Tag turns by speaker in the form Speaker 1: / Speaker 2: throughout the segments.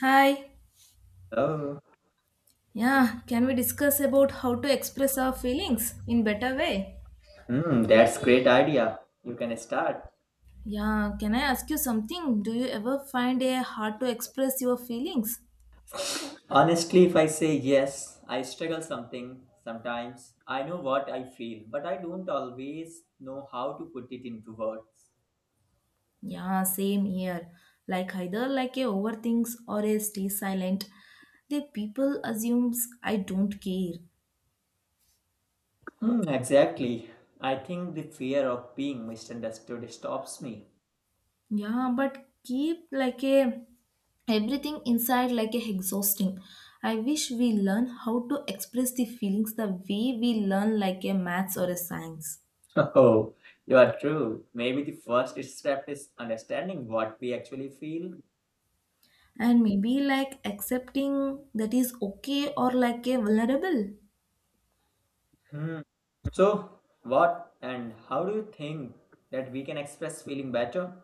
Speaker 1: Hi.
Speaker 2: Oh,
Speaker 1: Yeah, can we discuss about how to express our feelings in better way?
Speaker 2: hmm, that's great idea. You can start.
Speaker 1: Yeah, can I ask you something? Do you ever find it hard to express your feelings?
Speaker 2: Honestly, if I say yes, I struggle something sometimes. I know what I feel, but I don't always know how to put it into words.
Speaker 1: Yeah, same here. Like either like a overthinks or a stay silent. The people assumes I don't care.
Speaker 2: Hmm, exactly. I think the fear of being misunderstood stops me.
Speaker 1: Yeah, but keep like a everything inside like a exhausting. I wish we learn how to express the feelings the way we learn like a maths or a science.
Speaker 2: Oh, you are true. Maybe the first step is understanding what we actually feel.
Speaker 1: And maybe like accepting that is okay or like a vulnerable.
Speaker 2: Hmm. So, what and how do you think that we can express feeling better?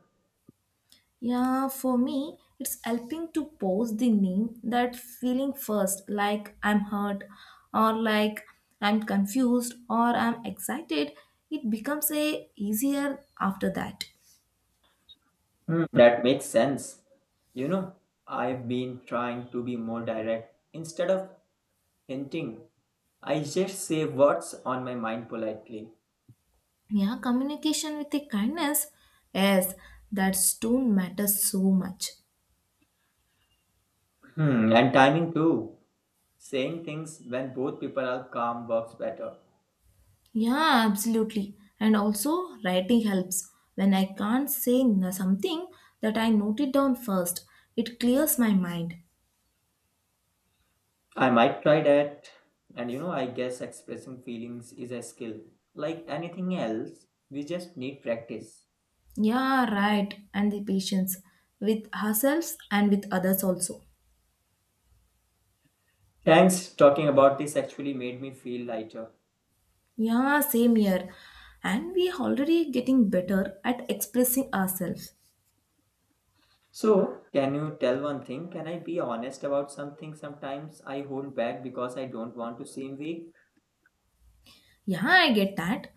Speaker 1: Yeah, for me, it's helping to pose the name that feeling first, like I'm hurt or like I'm confused or I'm excited. It becomes a easier after that.
Speaker 2: Hmm, that makes sense. You know, I've been trying to be more direct. Instead of hinting, I just say what's on my mind politely.
Speaker 1: Yeah, communication with a kindness. Yes, that tone matters so much.
Speaker 2: Hmm, and timing too. Saying things when both people are calm works better.
Speaker 1: Yeah, absolutely. And also, writing helps. When I can't say something that I note it down first, it clears my mind.
Speaker 2: I might try that. And you know, I guess expressing feelings is a skill. Like anything else, we just need practice.
Speaker 1: Yeah, right. And the patience with ourselves and with others also.
Speaker 2: Thanks, talking about this actually made me feel lighter.
Speaker 1: Yeah, same here. And we are already getting better at expressing ourselves.
Speaker 2: So, can you tell one thing? Can I be honest about something? Sometimes I hold back because I don't want to seem weak.
Speaker 1: Yeah, I get that.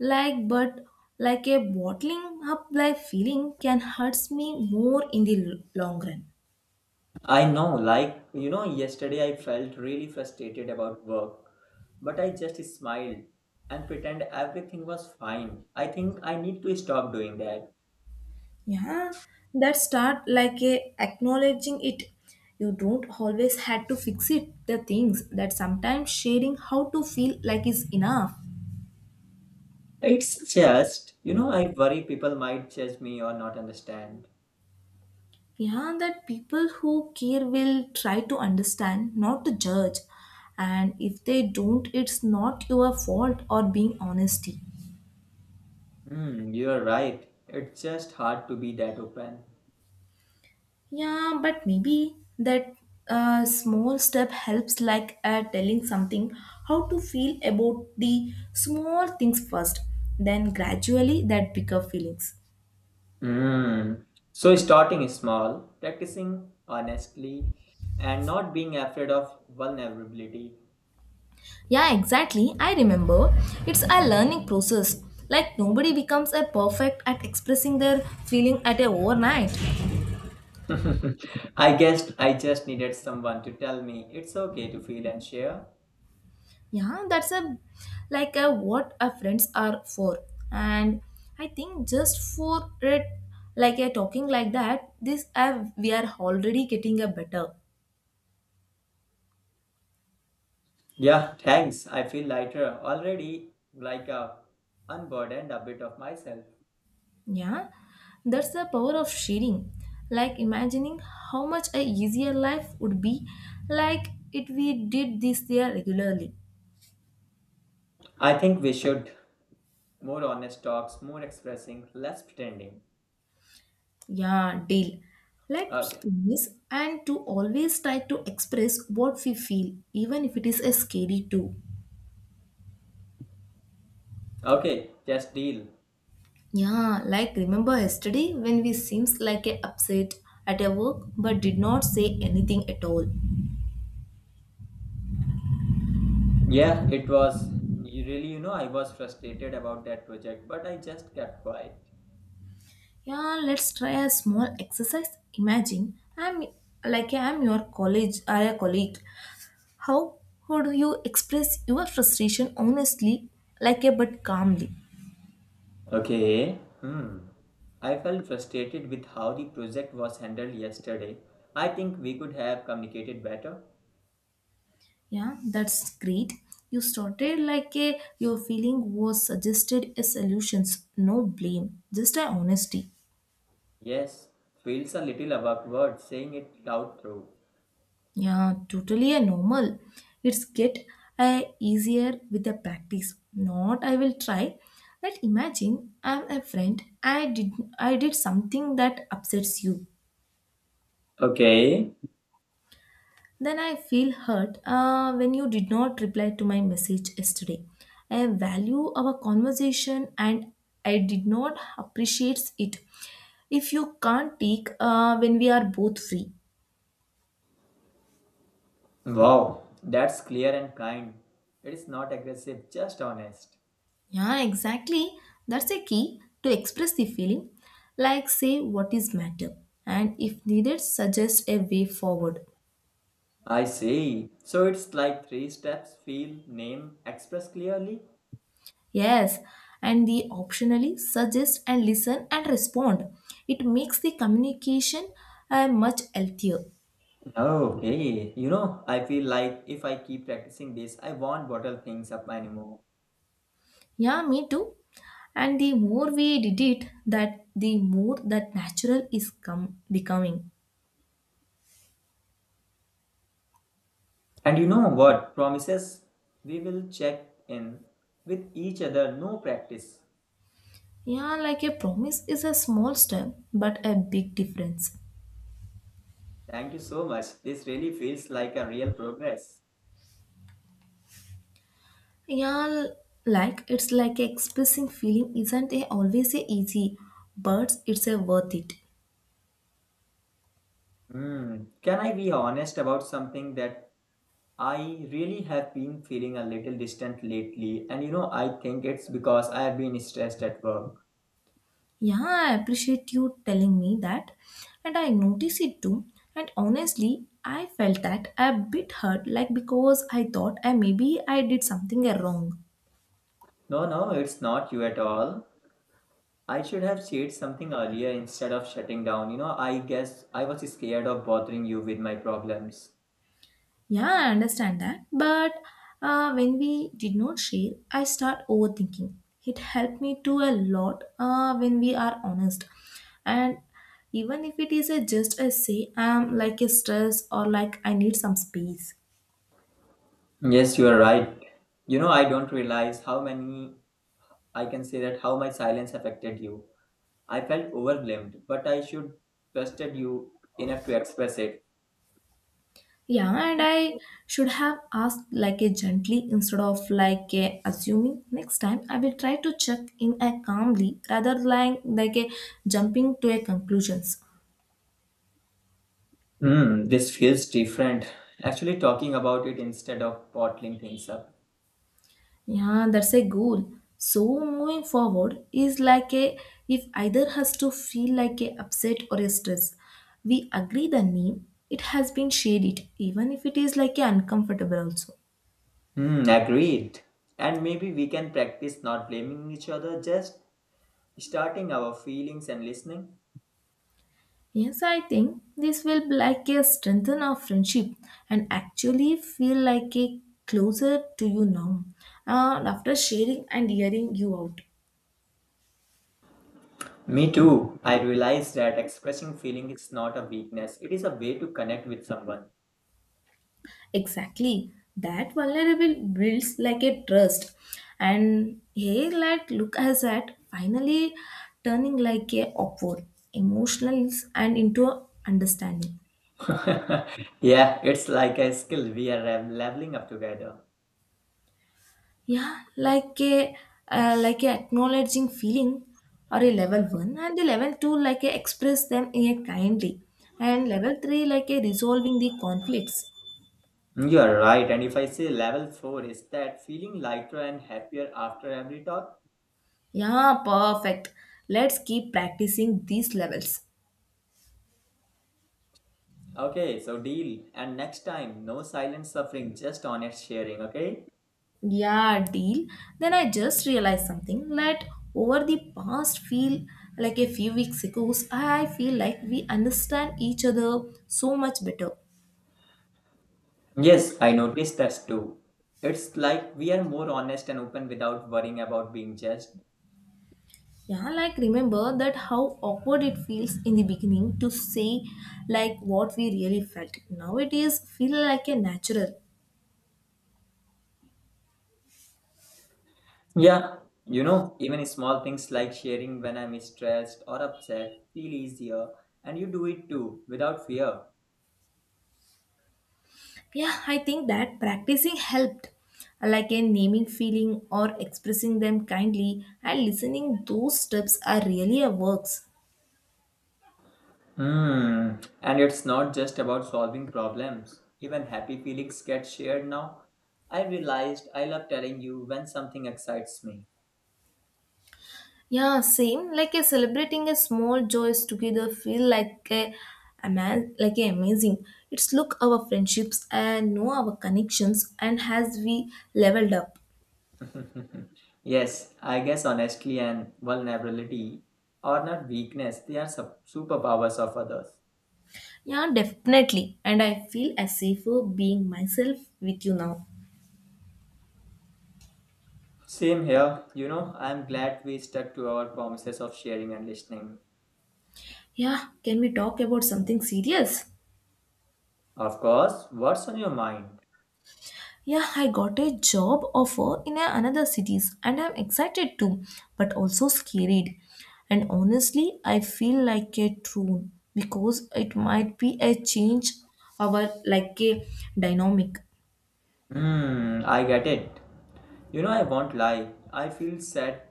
Speaker 1: Like, but like a bottling up like feeling can hurts me more in the long run.
Speaker 2: I know, like, you know, yesterday I felt really frustrated about work, but I just smiled and pretend everything was fine. I think I need to stop doing that.
Speaker 1: Yeah, that start like a acknowledging it. You don't always had to fix it the things that sometimes sharing how to feel like is enough.
Speaker 2: It's just, you know, I worry people might judge me or not understand.
Speaker 1: Yeah, that people who care will try to understand not to judge. And if they don't, it's not your fault or being honesty.
Speaker 2: Hmm, you're right. It's just hard to be that open.
Speaker 1: Yeah, but maybe that small step helps, like telling something how to feel about the small things first, then gradually that bigger feelings.
Speaker 2: Mm. So starting small, practicing honestly, and not being afraid of vulnerability.
Speaker 1: Yeah, exactly. I remember it's a learning process. Like nobody becomes a perfect at expressing their feeling at a overnight.
Speaker 2: I guessed I just needed someone to tell me it's okay to feel and share.
Speaker 1: Yeah, that's a like a what a friends are for. And I think just for it, like a talking like that this we are already getting a better.
Speaker 2: Yeah, thanks. I feel lighter already, like a unburdened a bit of myself.
Speaker 1: Yeah, that's the power of sharing, like imagining how much a easier life would be, like if we did this there regularly.
Speaker 2: I think we should more honest talks, more expressing, less pretending.
Speaker 1: Yeah, deal. Let's
Speaker 2: Okay,
Speaker 1: please and to always try to express what we feel even if it is a scary too.
Speaker 2: okay, just deal.
Speaker 1: Yeah, like remember yesterday when we seems like a upset at a work but did not say anything at all.
Speaker 2: Yeah, it was really, you know, I was frustrated about that project, but I just kept quiet.
Speaker 1: Yeah, let's try a small exercise. Imagine I'm like I'm your college or a colleague. How would you express your frustration honestly, like a but calmly?
Speaker 2: Okay. Hmm. I felt frustrated with how the project was handled yesterday. I think we could have communicated better.
Speaker 1: Yeah, that's great. You started like a your feeling was suggested a solutions, no blame, just a honesty.
Speaker 2: Yes, feels a little awkward saying it out through.
Speaker 1: Yeah, totally a normal. It's get easier with the practice. Not I will try. But imagine I'm a friend. I did something that upsets you.
Speaker 2: Okay.
Speaker 1: Then I feel hurt when you did not reply to my message yesterday. I value our conversation and I did not appreciate it. If you can't take when we are both free.
Speaker 2: Wow, that's clear and kind. It is not aggressive, just honest.
Speaker 1: Yeah, exactly. That's a key to express the feeling. Like, say what is matter, and if needed, suggest a way forward.
Speaker 2: I see. So it's like three steps feel, name, express clearly.
Speaker 1: Yes, and the optionally suggest and listen and respond. It makes the communication much healthier.
Speaker 2: Okay, you know, I feel like if I keep practicing this, I won't bottle things up anymore.
Speaker 1: Yeah, me too. And the more we did it, that the more that natural is come becoming.
Speaker 2: And you know what? Promises, we will check in with each other, no practice.
Speaker 1: Yeah, like a promise is a small step, but a big difference.
Speaker 2: Thank you so much. This really feels like a real progress.
Speaker 1: Yeah, like it's like expressing feeling isn't a always a easy, but it's a worth it.
Speaker 2: Hmm. Can I be honest about something that I really have been feeling a little distant lately? And you know, I think it's because I have been stressed at work.
Speaker 1: Yeah, I appreciate you telling me that, and I notice it too. And honestly, I felt that a bit hurt, like because I thought I maybe I did something wrong.
Speaker 2: No, no, it's not you at all. I should have said something earlier instead of shutting down. You know, I guess I was scared of bothering you with my problems.
Speaker 1: Yeah, I understand that. But when we did not share, I start overthinking. It helped me to a lot when we are honest. And even if it is a just a say, I'm like a stress or like I need some space.
Speaker 2: Yes, you are right. You know, I don't realize how many I can say that how my silence affected you. I felt overwhelmed, but I should trusted you enough to express it.
Speaker 1: Yeah, and I should have asked like a gently instead of like a assuming. Next time, I will try to check in a calmly rather like a jumping to a conclusions.
Speaker 2: Hmm, this feels different. Actually, talking about it instead of bottling things up.
Speaker 1: Yeah, that's a goal. So moving forward is like a if either has to feel like a upset or a stress. We agree the name, it has been shared it, even if it is like a uncomfortable also.
Speaker 2: Hmm, agreed. And maybe we can practice not blaming each other, just starting our feelings and listening.
Speaker 1: Yes, I think this will be like a strengthen our friendship and actually feel like a closer to you now. And after sharing and hearing you out.
Speaker 2: Me too. I realized that expressing feeling is not a weakness. It is a way to connect with someone.
Speaker 1: Exactly. That vulnerable builds like a trust. And here like look as at finally turning like a upward emotional and into a understanding.
Speaker 2: Yeah, it's like a skill we are leveling up together.
Speaker 1: Yeah, like a acknowledging feeling or a level one and the level two like a express them in a kindly and level three like a resolving the conflicts.
Speaker 2: You are right. And if I say level four is that feeling lighter and happier after every talk?
Speaker 1: Yeah, perfect. Let's keep practicing these levels.
Speaker 2: Okay, so deal. And next time, no silent suffering, just honest sharing, okay?
Speaker 1: Yeah, deal. Then I just realized something that over the past feel like a few weeks ago, I feel like we understand each other so much better.
Speaker 2: Yes, I noticed that too. It's like we are more honest and open without worrying about being judged.
Speaker 1: Yeah, like remember that how awkward it feels in the beginning to say like what we really felt. Now it is feel like a natural.
Speaker 2: Yeah, you know, even small things like sharing when I'm stressed or upset feel easier, and you do it too without fear.
Speaker 1: Yeah, I think that practicing helped like in naming feeling or expressing them kindly and listening those steps are really a works.
Speaker 2: Hmm. And it's not just about solving problems. Even happy feelings get shared now. I realized I love telling you when something excites me.
Speaker 1: Yeah, same. Like a celebrating a small joys together feel like a aman like a amazing. It's look our friendships and know our connections and has we leveled up.
Speaker 2: Yes, I guess honestly and vulnerability are not weakness, they are superpowers of others.
Speaker 1: Yeah, definitely. And I feel as safer being myself with you now.
Speaker 2: Same here, you know, I'm glad we stuck to our promises of sharing and listening.
Speaker 1: Yeah, can we talk about something serious?
Speaker 2: Of course, what's on your mind?
Speaker 1: Yeah, I got a job offer in another cities and I'm excited too, but also scared. And honestly, I feel like a troon because it might be a change our like a dynamic.
Speaker 2: Hmm, I get it. You know, I won't lie. I feel sad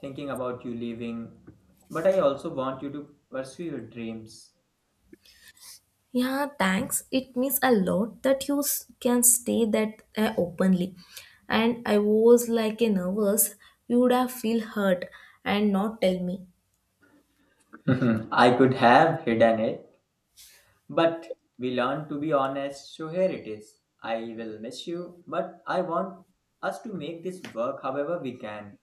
Speaker 2: thinking about you leaving, but I also want you to pursue your dreams.
Speaker 1: Yeah, thanks. It means a lot that you can say that openly. And I was like a nervous, you would have feel hurt and not tell me.
Speaker 2: I could have hidden it, but we learned to be honest, so here it is. I will miss you, but I want us to make this work however we can.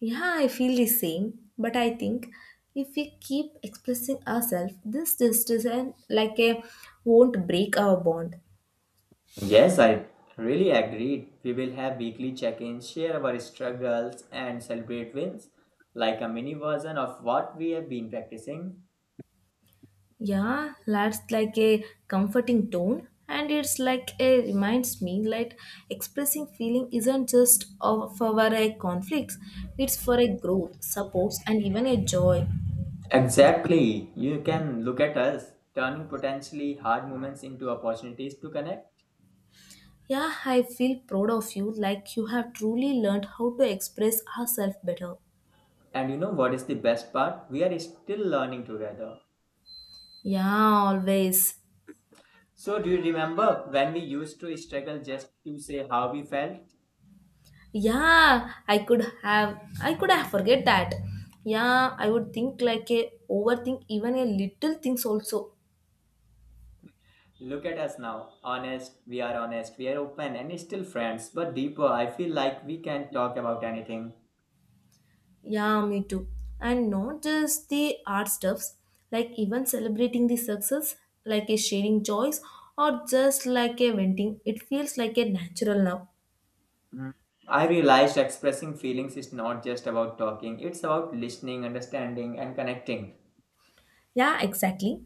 Speaker 1: Yeah, I feel the same, but I think if we keep expressing ourselves, this distance and like a won't break our bond.
Speaker 2: Yes, I really agreed. We will have weekly check ins, share our struggles, and celebrate wins, like a mini version of what we have been practicing.
Speaker 1: Yeah, that's like a comforting tone, and it's like a reminds me like expressing feeling isn't just of for a conflicts, it's for a growth, supports, and even a joy.
Speaker 2: Exactly. You can look at us, turning potentially hard moments into opportunities to connect.
Speaker 1: Yeah, I feel proud of you, like you have truly learned how to express ourselves better.
Speaker 2: And you know what is the best part? We are still learning together.
Speaker 1: Yeah, always.
Speaker 2: So, do you remember when we used to struggle just to say how we felt?
Speaker 1: Yeah, I could have forget that. Yeah, I would think like a overthink even a little things also.
Speaker 2: Look at us now. Honest, we are open and still friends, but deeper, I feel like we can talk about anything.
Speaker 1: Yeah, me too. And not just the art stuffs, like even celebrating the success, like a sharing joys or just like a venting, it feels like a natural now.
Speaker 2: Mm. I realized expressing feelings is not just about talking, it's about listening, understanding, and connecting.
Speaker 1: Yeah, exactly.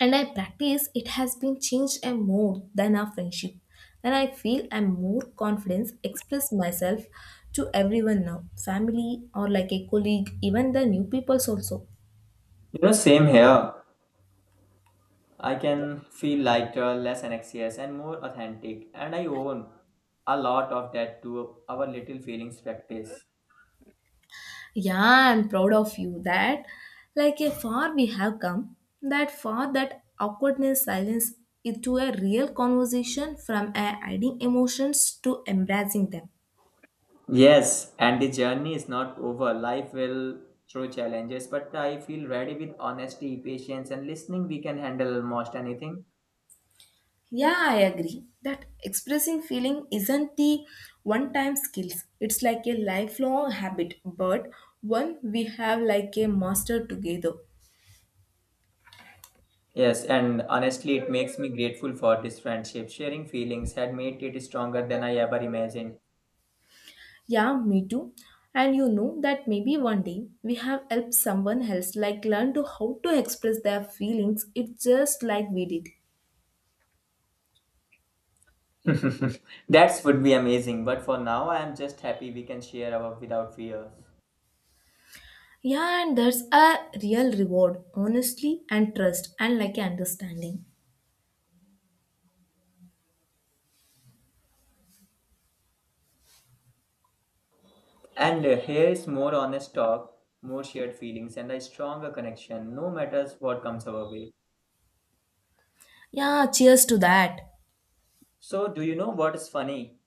Speaker 1: And I practice, it has been changed and more than our friendship. And I feel I'm more confident, express myself to everyone now, family or like a colleague, even the new peoples also.
Speaker 2: You know, same here. I can feel lighter, less anxious, and more authentic, and I own a lot of that to our little feelings practice.
Speaker 1: Yeah, I'm proud of you that like a far we have come, that far that awkwardness silence into a real conversation from a hiding emotions to embracing them.
Speaker 2: Yes, and the journey is not over. Life will throw challenges, but I feel ready with honesty, patience, and listening. We can handle almost anything.
Speaker 1: Yeah, I agree that expressing feeling isn't the one time skills. It's like a lifelong habit, but one we have like a master together.
Speaker 2: Yes, and honestly, it makes me grateful for this friendship. Sharing feelings had made it stronger than I ever imagined.
Speaker 1: Yeah, me too. And you know that maybe one day we have helped someone else like learn to how to express their feelings. It's just like we did.
Speaker 2: That would be amazing, but for now, I am just happy we can share our without fear.
Speaker 1: Yeah, and that's a real reward, honestly, and trust, and like understanding.
Speaker 2: And here is more honest talk, more shared feelings, and a stronger connection, no matters what comes our way.
Speaker 1: Yeah, cheers to that.
Speaker 2: So, do you know what is funny?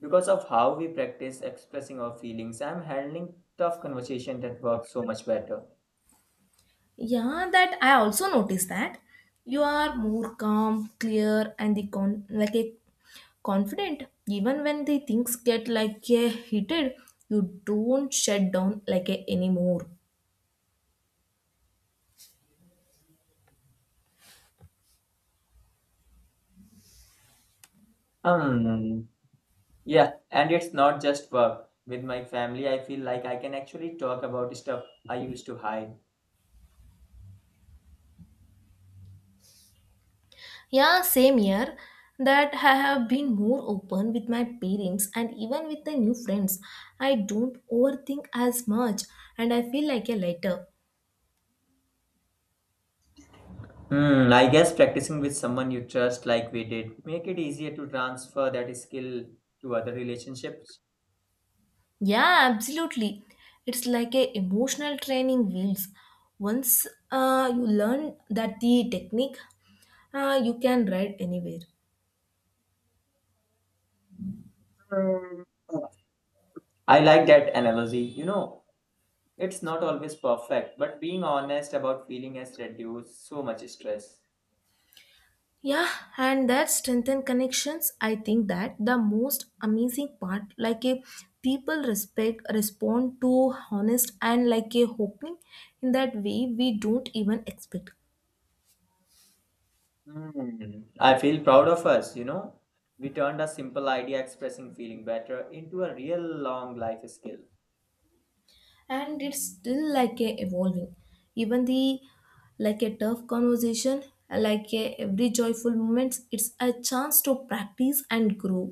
Speaker 2: Because of how we practice expressing our feelings, I'm handling tough conversation that works so much better.
Speaker 1: Yeah, that I also noticed that you are more calm, clear, and the like a confident. Even when the things get like a heated, you don't shut down like a anymore.
Speaker 2: Um yeah, and it's not just work, with my family I feel like I can actually talk about stuff I used to hide.
Speaker 1: Yeah, same year that I have been more open with my parents and even with the new friends. I don't overthink as much, and I feel like a lighter.
Speaker 2: Hmm, I guess practicing with someone you trust like we did make it easier to transfer that skill to other relationships.
Speaker 1: Yeah, absolutely. It's like a emotional training wheels. Once you learn that the technique, you can ride anywhere.
Speaker 2: Hmm. I like that analogy. You know, it's not always perfect, but being honest about feeling has reduced so much stress.
Speaker 1: Yeah, and that strengthen connections. I think that the most amazing part, like a people respect respond to honest and like a hoping in that way we don't even expect.
Speaker 2: Hmm. I feel proud of us, you know. We turned a simple idea expressing feeling better into a real long life skill.
Speaker 1: And it's still like a evolving, even the like a tough conversation, like a every joyful moments, it's a chance to practice and grow.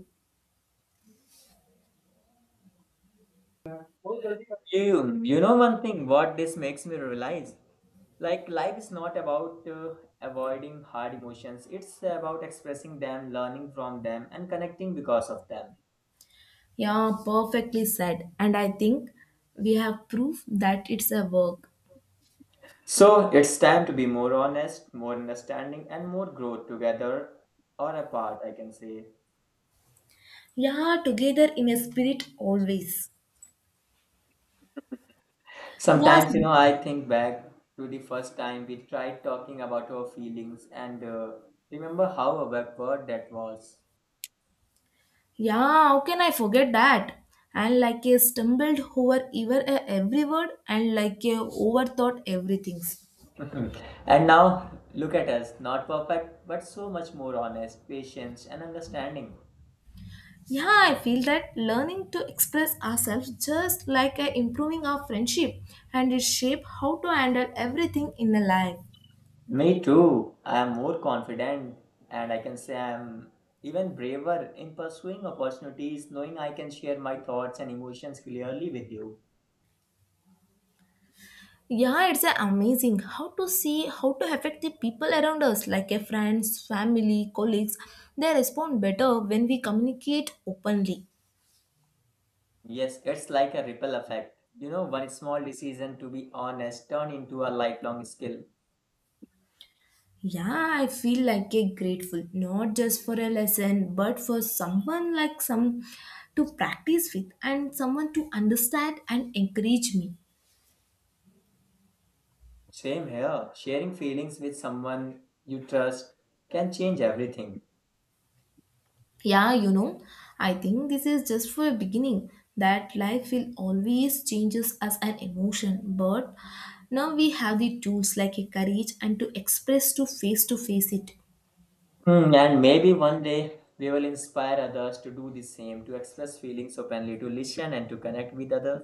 Speaker 2: You know one thing what this makes me realize? Like life is not about avoiding hard emotions. It's about expressing them, learning from them and connecting because of them.
Speaker 1: Yeah, perfectly said. And I think we have proof that it's a work.
Speaker 2: So, it's time to be more honest, more understanding and more growth together or apart, I can say.
Speaker 1: Yeah, together in a spirit always. Yes.
Speaker 2: Sometimes, you know, I think back to the first time we tried talking about our feelings and remember how awkward that was.
Speaker 1: Yeah, how can I forget that? And like a stumbled over ever every word and like a overthought everything.
Speaker 2: And now, look at us, not perfect, but so much more honest, patient, and understanding.
Speaker 1: Yeah, I feel that learning to express ourselves just like improving our friendship and it shape how to handle everything in a life.
Speaker 2: Me too. I am more confident, and I can say I am even braver in pursuing opportunities, knowing I can share my thoughts and emotions clearly with you.
Speaker 1: Yeah, it's amazing how to see how to affect the people around us like a friends, family, colleagues. They respond better when we communicate openly.
Speaker 2: Yes, it's like a ripple effect. You know, one small decision to be honest turn into a lifelong skill.
Speaker 1: Yeah, I feel like a grateful not just for a lesson but for someone like some to practice with and someone to understand and encourage me.
Speaker 2: Same here. Sharing feelings with someone you trust can change everything.
Speaker 1: Yeah, you know, I think this is just for a beginning that life will always changes as an emotion, but now we have the tools like a courage and to express to face it.
Speaker 2: Hmm, and maybe one day we will inspire others to do the same, to express feelings openly, to listen and to connect with others.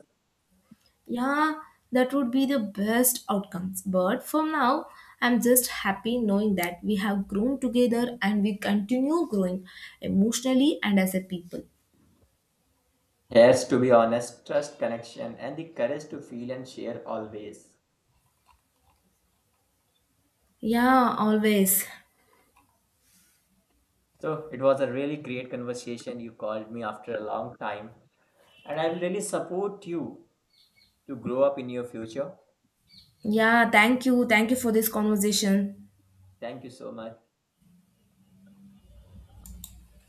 Speaker 1: Yeah, that would be the best outcomes. But for now, I'm just happy knowing that we have grown together and we continue growing emotionally and as a people.
Speaker 2: Yes, to be honest, trust, connection, and the courage to feel and share always.
Speaker 1: Yeah, always.
Speaker 2: So it was a really great conversation. You called me after a long time, and I will really support you to grow up in your future.
Speaker 1: Yeah, thank you. Thank you for this conversation.
Speaker 2: Thank you so much.